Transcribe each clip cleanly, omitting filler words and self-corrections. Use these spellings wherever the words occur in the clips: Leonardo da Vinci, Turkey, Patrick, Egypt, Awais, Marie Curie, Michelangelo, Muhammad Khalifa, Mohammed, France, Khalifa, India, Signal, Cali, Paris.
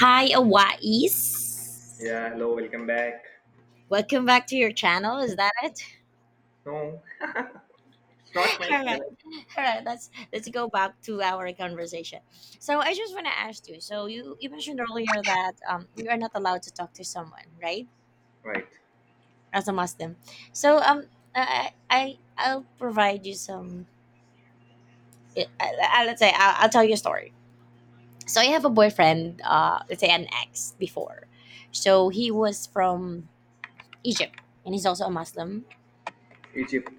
Hi, Awais. Yeah, hello, welcome back. Welcome back to your channel. Is that it? No, it's not my All right. channel. All right. Let's go back to our conversation. So I just want to ask you. So you mentioned earlier that you are not allowed to talk to someone, right? Right, As a Muslim. So I'll provide you some. Let's say I'll tell you a story. So I have a boyfriend. Let's say an ex before. So he was from Egypt, and he's also a Muslim. Egypt,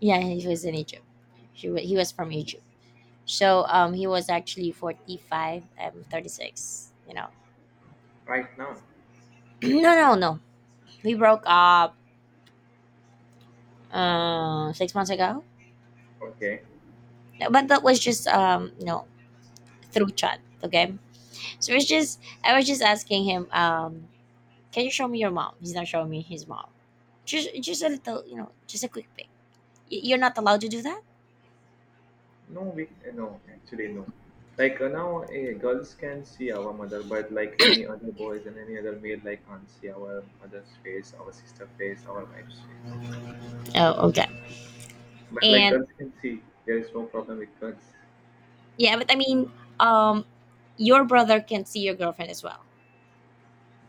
Yeah, he was in Egypt. He was from Egypt. So he was actually 45, I'm 36, you know. right now. No, no, no. We broke up 6 months ago. Okay. No, but that was just, through chat, okay? So it's just, I was just asking him, can you show me your mom? He's not showing me his mom. Just, a little, just a quick pic. You're not allowed to do that? No, we no, actually no. Now, girls can see our mother, but like any other boys and any other male, like can't see our mother's face, our sister face, our wife's face. Oh, okay. But like And girls can see, there is no problem with girls. yeah, but I mean, um, your brother can see your girlfriend as well.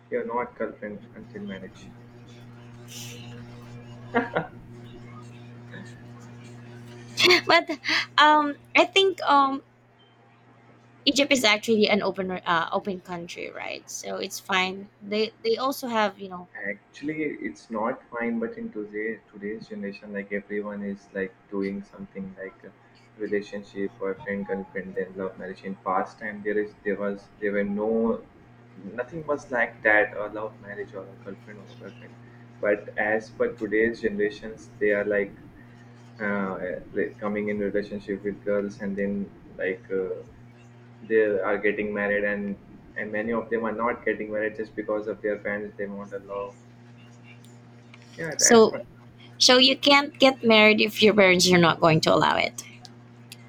You're not girlfriend until marriage. But I think Egypt is actually an open open country, right? So it's fine. They also have you know Actually, it's not fine, but in today's generation, like everyone is like doing something like a relationship, boyfriend, girlfriend, and love marriage. In past time, there were no nothing was like that a love marriage or a girlfriend or a boyfriend. But as per today's generations, they are like coming in relationship with girls, and then like uh, they are getting married, and many of them are not getting married just because of their parents. They want a love, yeah, that's so right. so you can't get married if your parents are not going to allow it.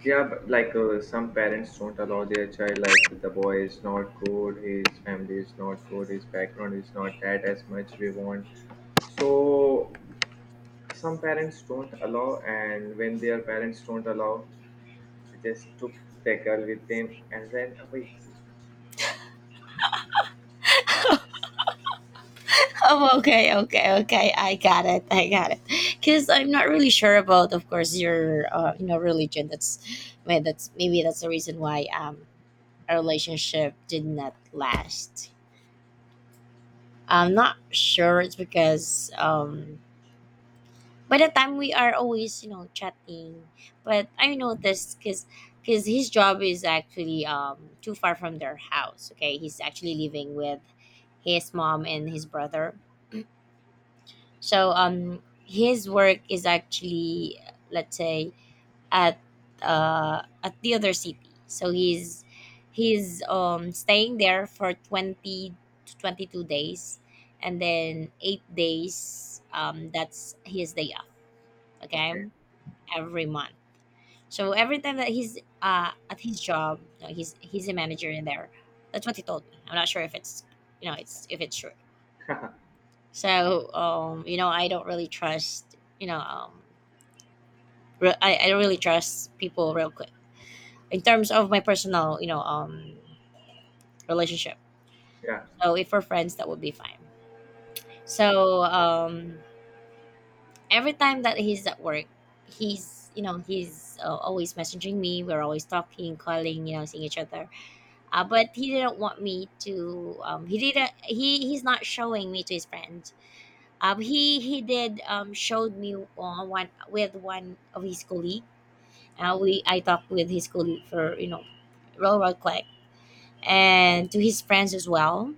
Yeah, but some parents don't allow their child, like the boy is not good, his family is not good, his background is not that as much we want. So some parents don't allow, and when their parents don't allow, they just took the girl with them and ran away. Oh, okay, okay, okay. I got it. I got it. Because I'm not really sure about, of course, your you know religion. That's maybe that's the reason why our relationship did not last. I'm not sure. It's because by the time we are always you know chatting, but I noticed because his job is actually too far from their house. Okay, he's actually living with his mom and his brother. So his work is actually, let's say, at at the other city. So he's staying there for 20 to 22 days, and then 8 days. That's his day off. Okay, Okay. every month. So every time that he's at his job, you know, he's a manager in there. That's what he told me. I'm not sure if it's you know it's if it's true. So you know, I don't really trust you know I really trust people real quick in terms of my personal relationship Yeah. so if we're friends that would be fine. So every time that he's at work he's you know he's always messaging me, we're always talking, calling, you know, seeing each other, but he didn't want me to he didn't he's not showing me to his friends. He did showed me on one with one of his colleague. We I talked with his colleague for you know real quick, and to his friends as well.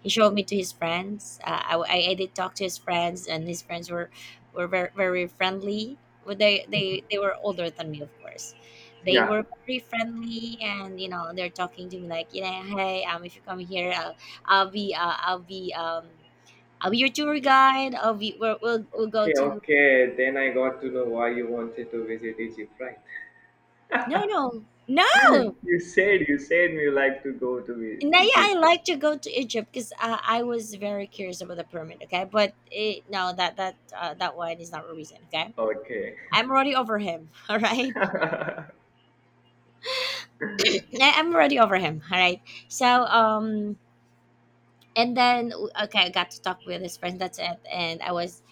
He showed me to his friends. I did talk to his friends, and his friends were very, very friendly. But they were older than me, of course. They Yeah. were very friendly, and you know they're talking to me like, you know, hey, if you come here, I'll be uh, I'll be um I'll be your tour guide. I'll be we'll go Okay. to Okay. Then I got to know why you wanted to visit Egypt, right? no no no. You said you like to go to Now, yeah, I Egypt. like to go to Egypt because I was very curious about the pyramid. Okay, but it, no, that that one is not a reason. Okay, Okay. I'm already over him. All right, I'm already over him. All right, so and then okay, I got to talk with his friend. That's it, and I was.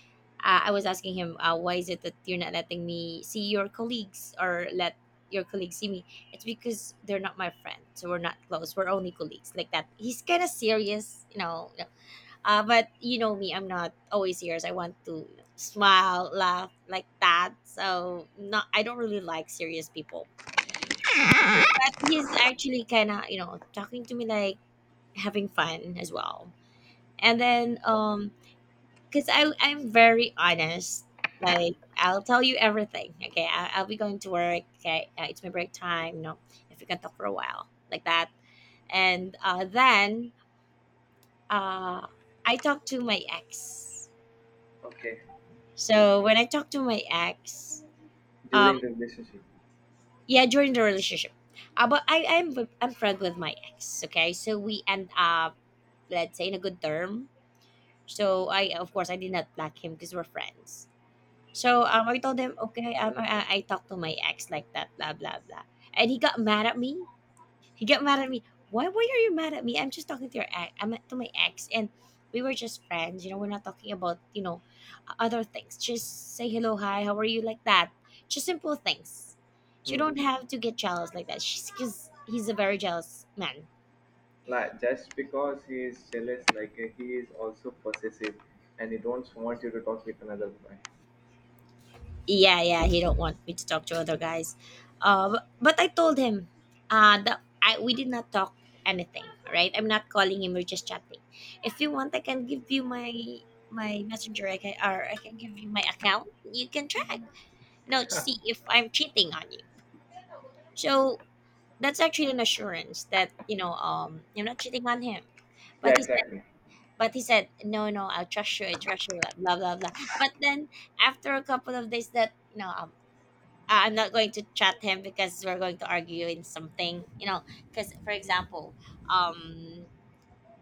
I was asking him, why is it that you're not letting me see your colleagues or let your colleagues see me? It's because they're not my friend, so we're not close. We're only colleagues, like that. He's kind of serious, you know. But you know me, I'm not always serious. I want to you know, smile, laugh like that. So not, I don't really like serious people. But he's actually kind of you know talking to me like having fun as well. And then cause I'm very honest. Like I'll tell you everything. Okay, I'll be going to work. Okay, it's my break time. You know, if we can talk for a while like that. And then uh, I talked to my ex. Okay, So when I talk to my ex, um, during the relationship. yeah, during the relationship, I'm friend with my ex. Okay, so we end up let's say in a good term. So I of course I did not block him because we're friends. So I told him okay, I talked to my ex like that, blah blah blah, and he got mad at me. He got mad at me. Why? Why are you mad at me? I'm just talking to your ex. I'm to my ex, and we were just friends. You know, we're not talking about you know other things. Just say hello, hi, how are you, like that. Just simple things. You Hmm. don't have to get jealous like that. She's because he's a very jealous man. Like just because he is jealous, he is also possessive, and he don't want you to talk with another guy. Yeah, yeah, he don't want me to talk to other guys, but, I told him that I we did not talk anything, right? I'm not calling him, we're just chatting. If you want I can give you my messenger, I can, or I can give you my account, you can track, no, to see if I'm cheating on you. So that's actually an assurance that you know you're not cheating on him. Yeah, But he said exactly. but he said no no, I'll trust you, I trust you, blah blah blah blah." But then after a couple of days that you know I'm not going to chat him because we're going to argue in something, you know. Because, for example, um,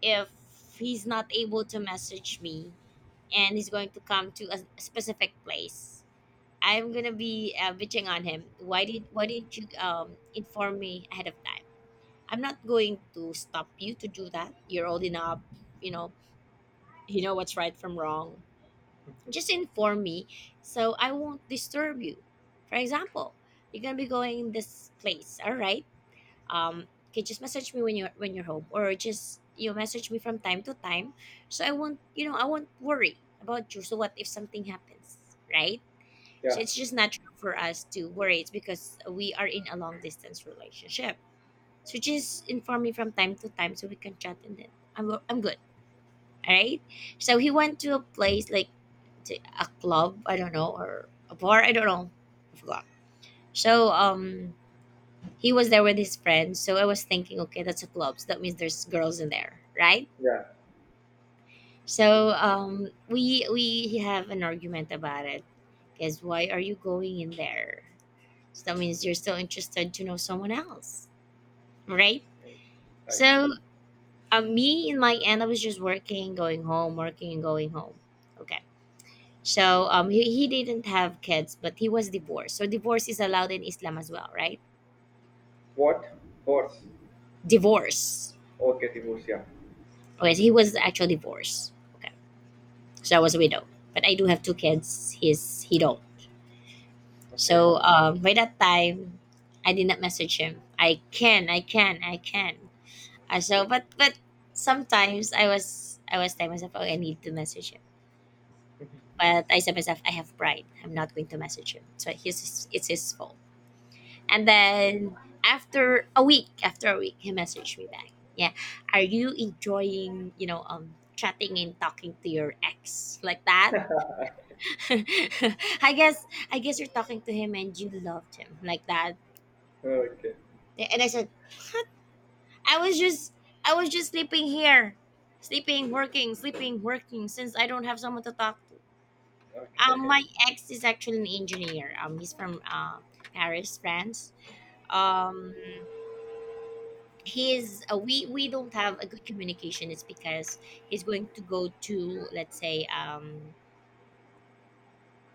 if he's not able to message me and he's going to come to a specific place, I'm gonna be bitching on him. Why didn't you inform me ahead of time? I'm not going to stop you to do that. You're old enough, you know. You know what's right from wrong, just inform me so I won't disturb you. For example, you're gonna be going this place, all right? Okay, just message me when you're home, or just you message me from time to time, so I won't you know I won't worry about you. So what if something happens, right? So Yeah, it's just natural for us to worry. It's because we are in a long distance relationship. So just inform me from time to time so we can chat and then I'm good. All right. So he went to a place like to a club, I don't know, or a bar, I don't know. I forgot. So he was there with his friends. So I was thinking, okay, that's a club. So that means there's girls in there, right? yeah. So we have an argument about it. Because why are you going in there? So that means you're still interested to know someone else, right? Like So me in my end, I was just working, going home, working and going home. Okay. So he didn't have kids, but he was divorced. So divorce is allowed in Islam as well, right? what? Horse? Divorce. Okay, divorce. Yeah. Okay, so he was actually divorced. Okay, so I was a widow, but I do have two kids. He's he don't. Okay. So by that time, I did not message him. I can, I can, I can. But sometimes I was telling myself, oh, I need to message him. But I said myself, I have pride. I'm not going to message him. So he's it's his fault. And then after a week, he messaged me back. Yeah, are you enjoying, you know, chatting and talking to your ex like that? I guess, I guess you're talking to him and you loved him like that. Okay. And I said, I was just, I was just sleeping here, sleeping, working, since I don't have someone to talk to. Okay. My ex is actually an engineer. He's from Paris, France. Um, he's we don't have a good communication is because he's going to go to, let's say, um,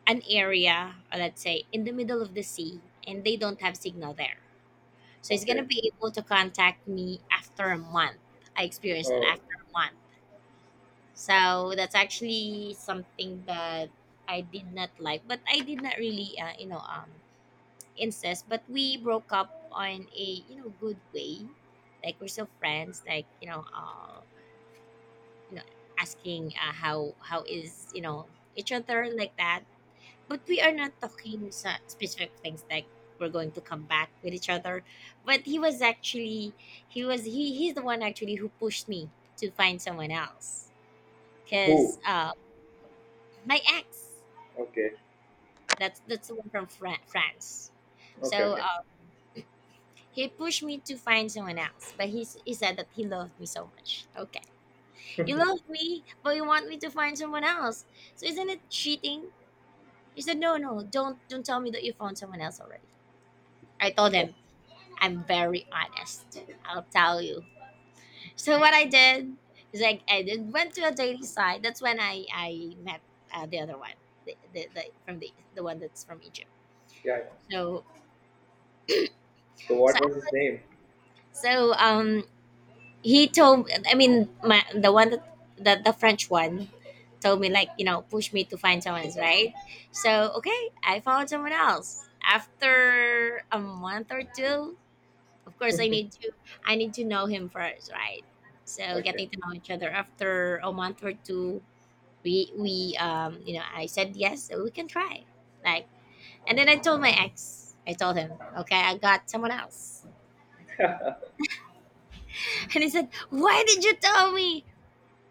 an area, or let's say in the middle of the sea, and they don't have signal there, so he's going to Okay. be able to contact me after a month. I experienced that Oh, after a month. So that's actually something that I did not like, but I did not really insist, but we broke up on a, you know, good way. Like we're still friends, like you know, asking, how how is each other like that. But we are not talking specific things like we're going to come back with each other. But he was actually, he was, he's the one actually who pushed me to find someone else who? because, my ex, Okay. that's the one from France. Okay. So Okay. He pushed me to find someone else, but he said that he loved me so much. Okay, you love me, but you want me to find someone else. So isn't it cheating? He said, "No, no, don't tell me that you found someone else already." I told Oh, him, "I'm very honest. I'll tell you." So what I did is like I did, went to a dating site. That's when I met, the other one, the one that's from Egypt. yeah, yeah. So So what I was his was, name? so um, he told, I mean my the one that, the French one, told me like, you know, push me to find someone else, right? So okay, I found someone else after a month or two. Of course I need to, I need to know him first, right? So Okay. getting to know each other after a month or two, we um, you know, I said yes so we can try, like, and then I told my ex, I told him, okay, I got someone else. And he said, why did you tell me?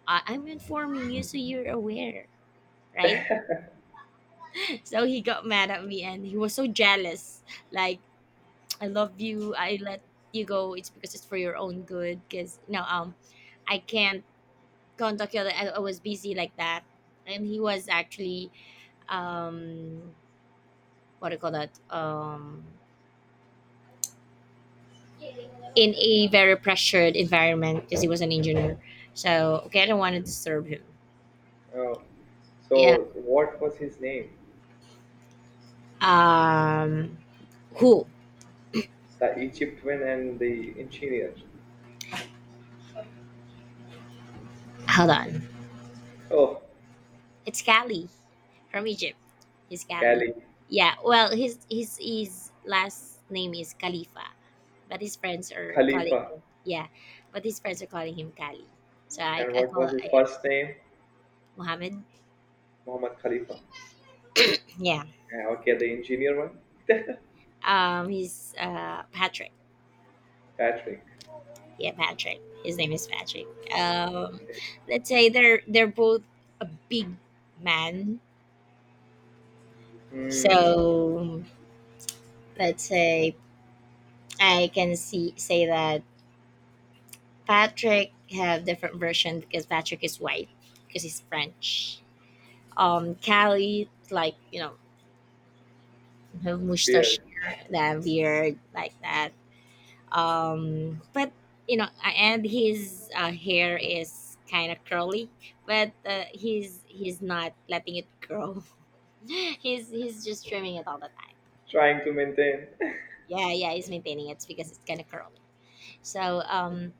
I'm informing you so you're aware, right? So he got mad at me and he was so jealous. Like, I love you, I let you go, it's because it's for your own good, because no, um, I can't contact you. I was busy like that, and he was actually, um, what do you call that? In a very pressured environment because he was an engineer. So okay, I don't want to disturb him. Oh, Yeah. so what was his name? Um, who? The Egyptian and the engineer. Hold on. Oh, It's Kali from Egypt. He's Kali. Cali, Yeah. Well, his last name is Khalifa, but his friends are calling Khalifa. him. Yeah, but his friends are calling him Kali. So I, And I what call, was his yeah, first name? Mohammed. Muhammad Khalifa. Yeah. Yeah, okay, the engineer one? He's Patrick. Patrick. Yeah, Patrick. His name is Patrick. Um, Okay. let's say they're both a big man. Hmm, So let's say I can see say that Patrick have different version because Patrick is white because he's French. Callie, like, you know, her mustache, weird. that beard like that, um, but you know, and his, hair is kind of curly, but he's not letting it grow. He's just trimming it all the time. Trying to maintain. Yeah, yeah, he's maintaining it because it's kind of curly. So um,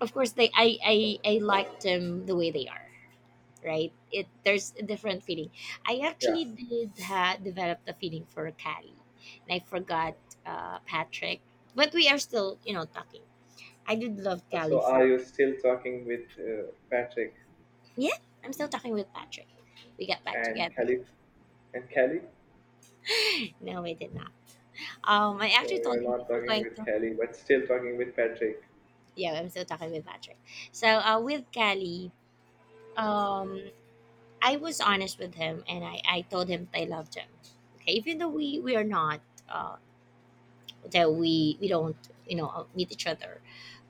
of course they, I liked them the way they are, right? It, there's a different feeling. I Yeah. actually did develop the feeling for Callie, and I forgot, Patrick, but we are still, you know, talking. I did love Cali So are for. you still talking with Patrick Yeah, I'm still talking with Patrick. We got back and together. Khalif and Kelly? No, we did not. I So actually told you're him if not we're talking going with to. Kelly, but still talking with Patrick. Yeah, I'm still talking with Patrick. So with Kelly, um, I was honest with him and I told him that I loved him. Okay, even though we are not. Um, that we don't, you know, meet each other,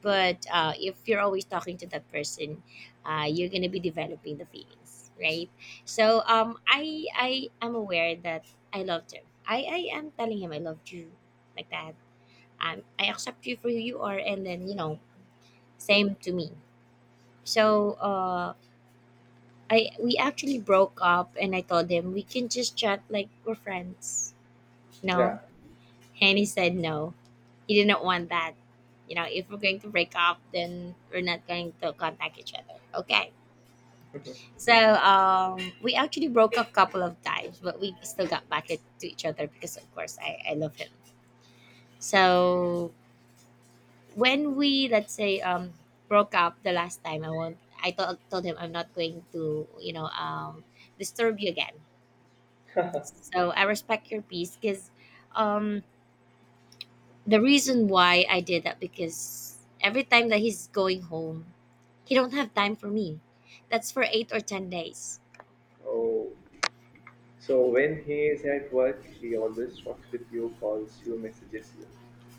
but if you're always talking to that person, you're gonna be developing the feelings, right? So um, I am aware that I loved him. I am telling him I loved you, like that. Um, I accept you for who you are, and then, you know, same to me. So uh, I we actually broke up, and I told him we can just chat like we're friends. Yeah. No. And he said no. He didn't want that. You know, if we're going to break up, then we're not going to contact each other. Okay. So we actually broke up a couple of times, but we still got back to each other because, of course, I love him. So when we, let's say, broke up the last time, I won't. I told him I'm not going to, you know, disturb you again. So I respect your peace because um, the reason why I did that because every time that he's going home, he don't have time for me. That's for 8 or 10 days. Oh. So when he is at work, he always talks with you, calls you, messages you.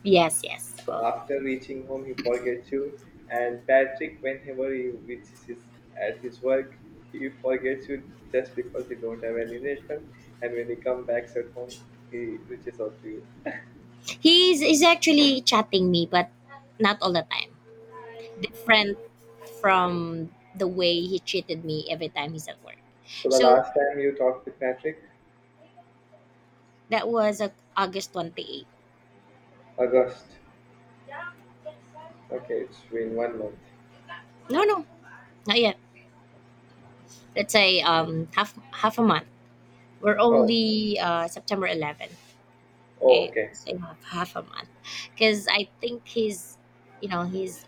Yes, yes. So Oh. after reaching home, he forgets you. And Patrick, whenever he reaches his, at his work, he forgets you just because he don't have any network. And when he comes back at home, he reaches out to you. He's actually chatting me, but not all the time. Different from the way he treated me every time he's at work. So the So last time you talked with Patrick, that was August 28th. August. Okay, it's been 1 month. No, no, not yet. Let's say um, half half a month. We're Oh, only September 11. oh, Okay, okay. so half a month because I think he's, you know, he's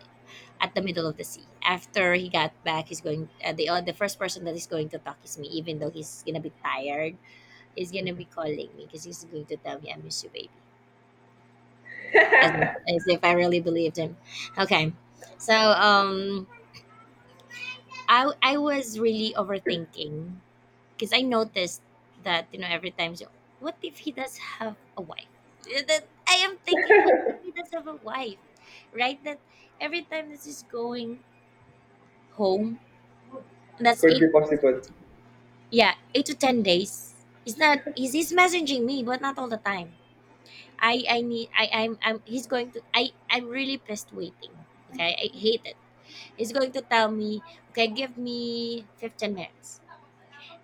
at the middle of the sea. After he got back, he's going, the first person that is going to talk is me. Even though he's gonna be tired, he's gonna be calling me because he's going to tell me, I miss you, baby. As if I really believed him. Okay. So um, I was really overthinking because I noticed that, you know, every time, so what if he does have a wife? Eh, that I am thinking, what if he does have a wife, right? That every time this is going home, and that's Could be eight, possible. yeah, 8 to 10 days, he's messaging me but not all the time. I'm, he's going to, I'm really pissed waiting. Okay, I hate it. He's going to tell me, okay, give me 15 minutes.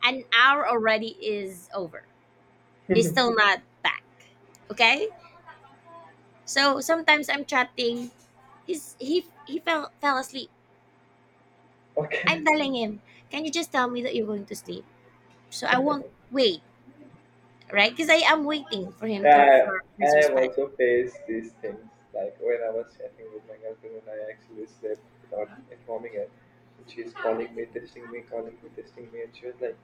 An hour already is over, he's still not back. Okay? So sometimes I'm chatting. He fell asleep. Okay. I'm telling him, can you just tell me that you're going to sleep? So I won't wait, right? Because I am waiting for him to, Yeah, for I his I have response. also faced these things. Like when I was chatting with my girlfriend, and I actually slept without informing her, and she's calling me, texting me, calling me, texting me, and she was like,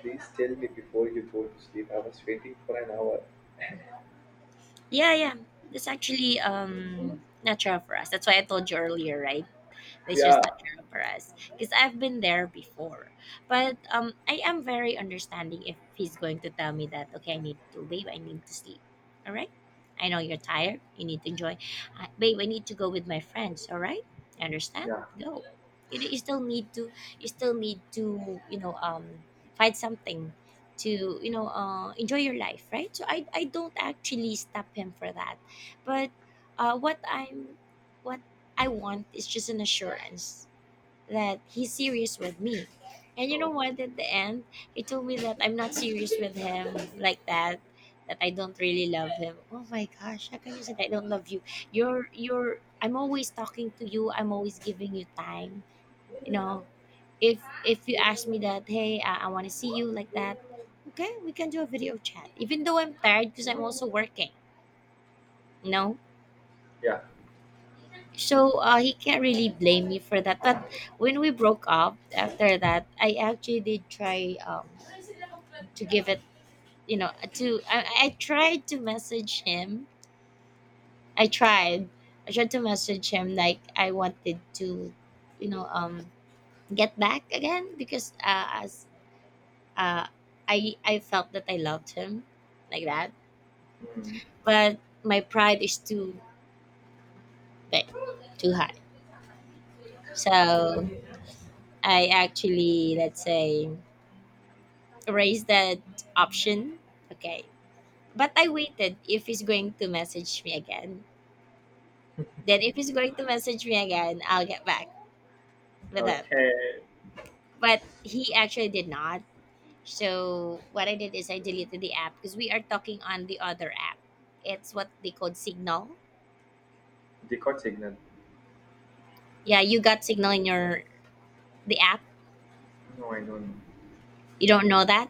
"Please tell me before you go to sleep." I was waiting for an hour. Yeah, yeah. That's actually natural for us. That's why I told you earlier, right? It's Yeah. just not General Perez because I've been there before. But I am very understanding if he's going to tell me that, okay, I need to, babe, I need to sleep. All right, I know you're tired. You need to enjoy, babe. I need to go with my friends. All right, I understand. Yeah. Go. You still need to, you still need to, you know, um, find something to, you know, enjoy your life, right? So I don't actually stop him for that, but uh, what i'm what I want is just an assurance that he's serious with me. And you know No. what? At the end, he told me that I'm not serious with him like that. That I don't really love him. Oh my gosh! How can you say that I don't love you? You're you're. I'm always talking to you. I'm always giving you time. You know, if you ask me that, hey, I want to see you like that. Okay, we can do a video chat. Even though I'm tired because I'm also working. No. Yeah. So he can't really blame me for that. But when we broke up after that, I actually did try to give it, you know, to I tried to message him. I tried. I tried to message him like I wanted to, you know, get back again because as uh, I felt that I loved him, like that. Mm. But my pride is too big, too high. So I actually, let's say, erase that option. Okay. But I waited if he's going to message me again. Then if he's going to message me again, I'll get back with him. Okay. But he actually did not. So what I did is I deleted the app because we are talking on the other app. It's what they called Signal. The court signal. Yeah, you got Signal in your, the app. No, I don't know. You don't know that?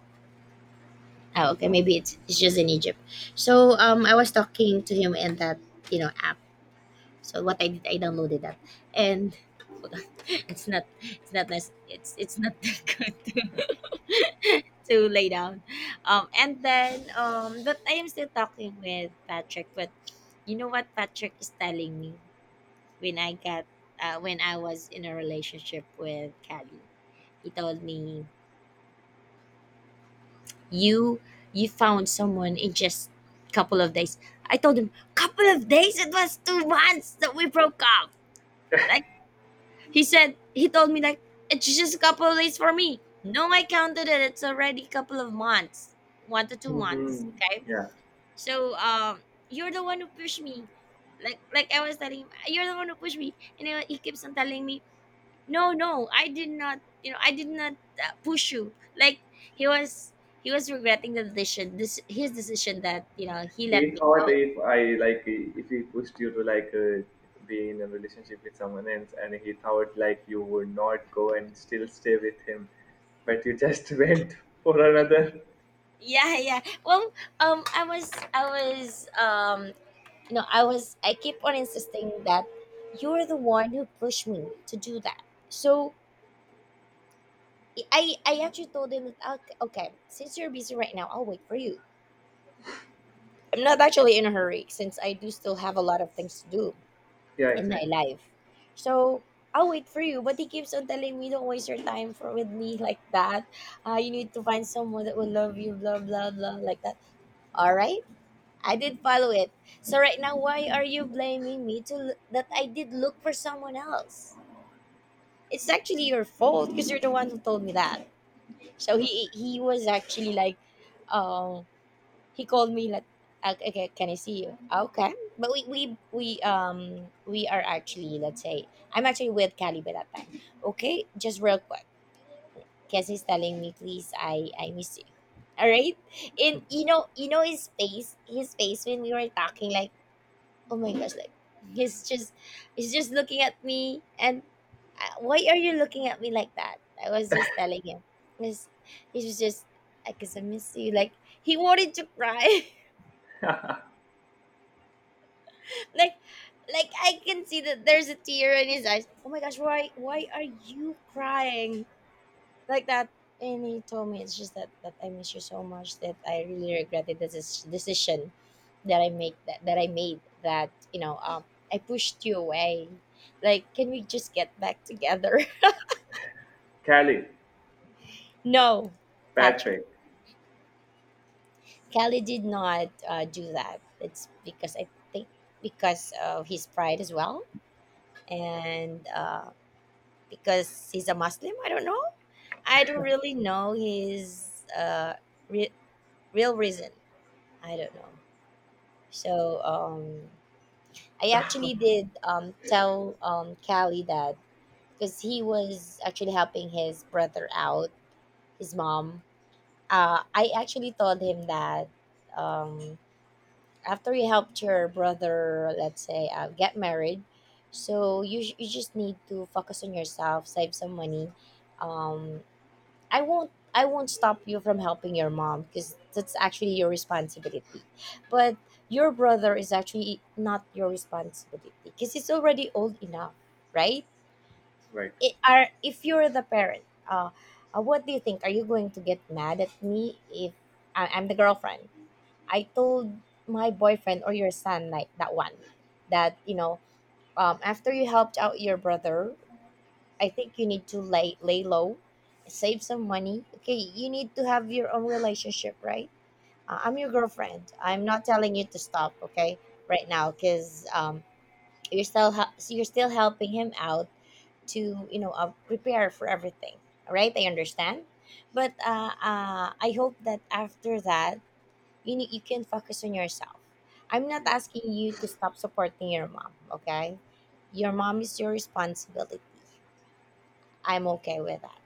Oh, okay. No. Maybe it's just in Egypt. So I was talking to him in that, you know, app. So what I did, I downloaded that, and it's not, it's not nice, it's not that good to, to lay down, um, and then um, but I am still talking with Patrick. But you know what Patrick is telling me? When I got, when I was in a relationship with Callie, he told me, you you found someone in just couple of days. I told him, couple of days, it was 2 months that we broke up. He said, he told me like, it's just a couple of days for me. No, I counted it. It's already a couple of months, 1 to 2 months. Mhm. Okay, Yeah. so you're the one who pushed me. Like I was telling him, you're the one who pushed me, and he keeps on telling me, no, no, I did not. You know, I did not push you. Like he was he was regretting the decision, this his decision that you know he let He me thought go. if I like if he pushed you to like be in a relationship with someone else, and he thought like you would not go and still stay with him, but you just went for another. Yeah, yeah. Well, I was No, I keep on insisting that you're the one who pushed me to do that. So I actually told him that okay, okay, since you're busy right now, I'll wait for you. I'm not actually in a hurry since I do still have a lot of things to do Yeah, in my exactly. life. So I'll wait for you, but he keeps on telling me, "Don't waste your time for with me like that. You need to find someone that will love you, blah blah blah, like that." All right, I did follow it. So right now, why are you blaming me to that I did look for someone else? It's actually your fault because you're the one who told me that. So Correct. he was actually like, um, he called me like, "Okay, okay, can I see you? Okay, but we are actually let's say I'm actually with Cali by that time. Okay, just real quick, because he's telling me, please, I miss you. All right, and you know his face when we were talking like oh my gosh like he's just he's just looking at me and why are you looking at me like that. I was just telling him, he's, he was just I guess I miss you. Like he wanted to cry like like I can see that there's a tear in his eyes. Oh my gosh, why are you crying like that? And he told me it's just that I miss you so much that I really regretted decision that that I made that you know I pushed you away. Like can we just get back together? Callie, No, Patrick. Patrick, Kelly did not do that. It's because I think because of his pride as well, and because he's a Muslim. I don't know. I don't really know his re- real reason. I don't know. So I actually did tell Callie that because he was actually helping his brother out, his mom. I actually told him that um, after you helped your brother, let's say, get married, so you, you just need to focus on yourself, save some money, um, I won't stop you from helping your mom because that's actually your responsibility. But your brother is actually not your responsibility because he's already old enough, right? right? It, are If you're the parent, uh, what do you think? Are you going to get mad at me if I'm the girlfriend? I told my boyfriend or your son like that one, that you know after you helped out your brother I think you need to lay low, save some money. Okay, you need to have your own relationship, right? I'm your girlfriend. I'm not telling you to stop, okay, right now, because you're still helping him out to you know prepare for everything. All right, I understand, but I hope that after that you can focus on yourself. I'm not Yeah, asking you to stop supporting your mom, okay? Your mom is your responsibility. I'm okay with that.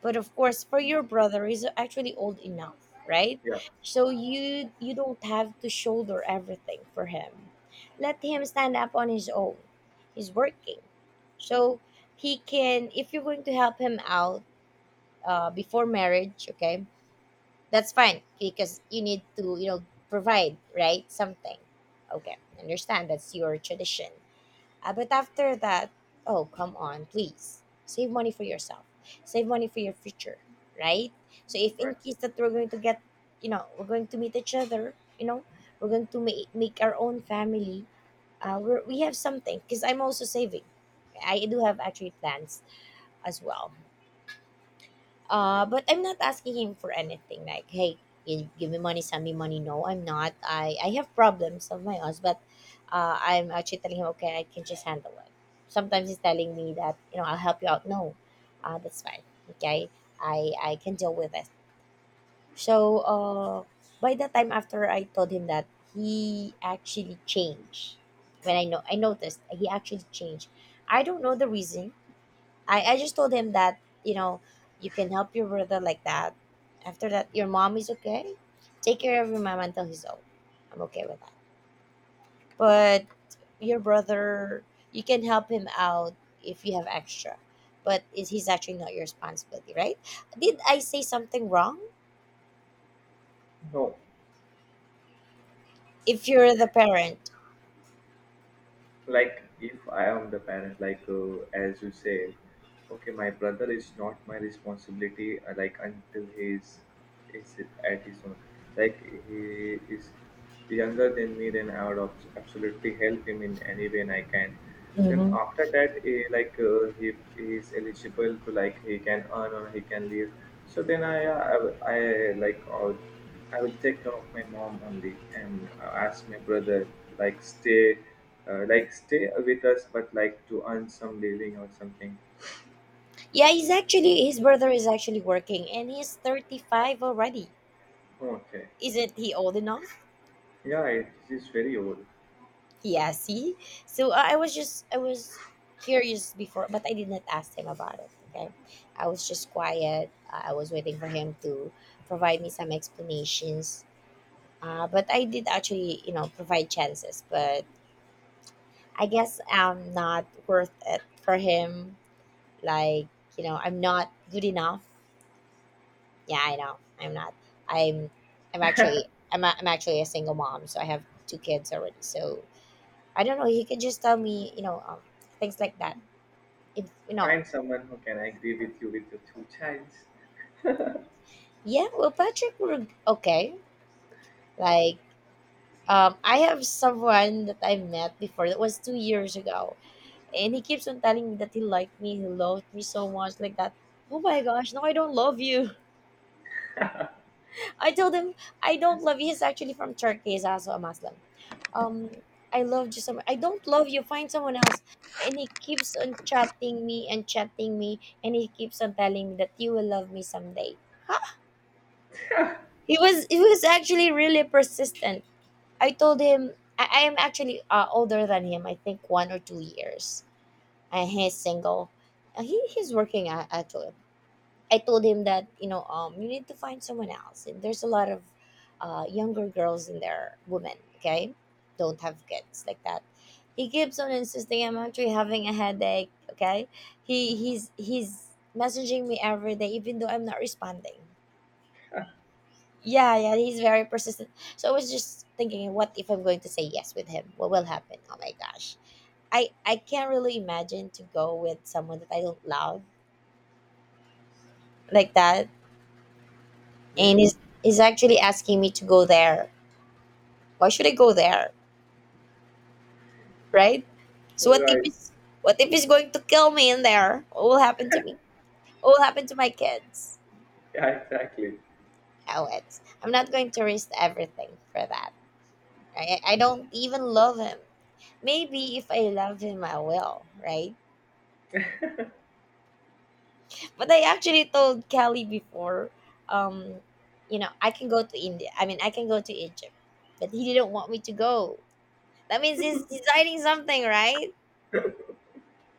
But of course for your brother he's actually old enough, right? yeah, So you don't have to shoulder everything for him. Let him stand up on his own. He's working. So he can, if you're going to help him out before marriage, okay, that's fine because you need to you know provide, right, something. Okay, understand that's your tradition. But after that, oh, come on, please. Save money for yourself. Save money for your future, right? So if right. in case that we're going to get, you know, we're going to meet each other, you know, we're going to make our own family, we have something because I'm also saving. I do have actually plans as well. But I'm not asking him for anything. Like, hey, you give me money, send me money. No, I'm not. I have problems of my own, but I'm actually telling him, okay, I can just handle it. Sometimes he's telling me that, you know, I'll help you out. No, that's fine. Okay, I can deal with it. So by the time after I told him that, he actually changed. When I know I noticed he actually changed. I don't know the reason. I just told him that, you know, you can help your brother like that. After that, your mom is okay. Take care of your mom until he's old. I'm okay with that. But your brother, you can help him out if you have extra. He's actually not your responsibility, right? Did I say something wrong? No, If you're the parent. like if I am the parent as you said, okay, my brother is not my responsibility, like until he is at his own, like he is younger than me, then I would absolutely help him in any way I can. Then hmm after that, he is eligible to like he can earn or he can leave. So then I like uh, I will take care of my mom only, and ask my brother to like stay with us, but like to earn some living or something. Yeah, he's actually, his brother is actually working and he's 35 already. Okay. Isn't he old enough? Yeah, it is very old. Yeah, see? So I was curious before, but I did not ask him about it, okay? I was just quiet. I was waiting for him to provide me some explanations. But I did actually, you know, provide chances, but I guess I'm not worth it for him. Like, you know, I'm not good enough. Yeah, I know. I'm not. I'm, I'm actually a single mom, so I have two kids already. So I don't know. He could just tell me, you know, things like that, it's you know. Find someone who can agree with you with your two childs. Yeah, well, Patrick were okay. Like I have someone that I met before. That was 2 years ago, and he keeps on telling me that he liked me, he loved me so much like that. Oh my gosh, no, I don't love you. I told him I don't love you. He's actually from Turkey. He's also a Muslim. um I loved you so much, I don't love you, find someone else. And he keeps on chatting me and chatting me, and he keeps on telling me that you will love me someday. He was actually really persistent. I told him I am actually older than him. I think 1 or 2 years, and he's single. He's working actually. I told him that you know you need to find someone else. There's a lot of younger girls in there, women. Okay, don't have kids like that. He keeps on insisting. I'm actually having a headache. Okay, he's messaging me every day even though I'm not responding. Yeah, yeah, he's very persistent. So I was just thinking, what if I'm going to say yes with him? What will happen? Oh my gosh, I can't really imagine to go with someone that I don't love like that. And Hmm? he's actually asking me to go there. Why should I go there, right? So what if Right. he's, what if he's going to kill me in there? What will happen to me? What will happen to my kids? Yeah, exactly. Oh, it's I'm not going to risk everything for that. I don't even love him. Maybe if I love him, I will, right? But I actually told Kelly before, um, you know, I can go to India. I mean, I can go to Egypt, but he didn't want me to go. That means he's designing something, right?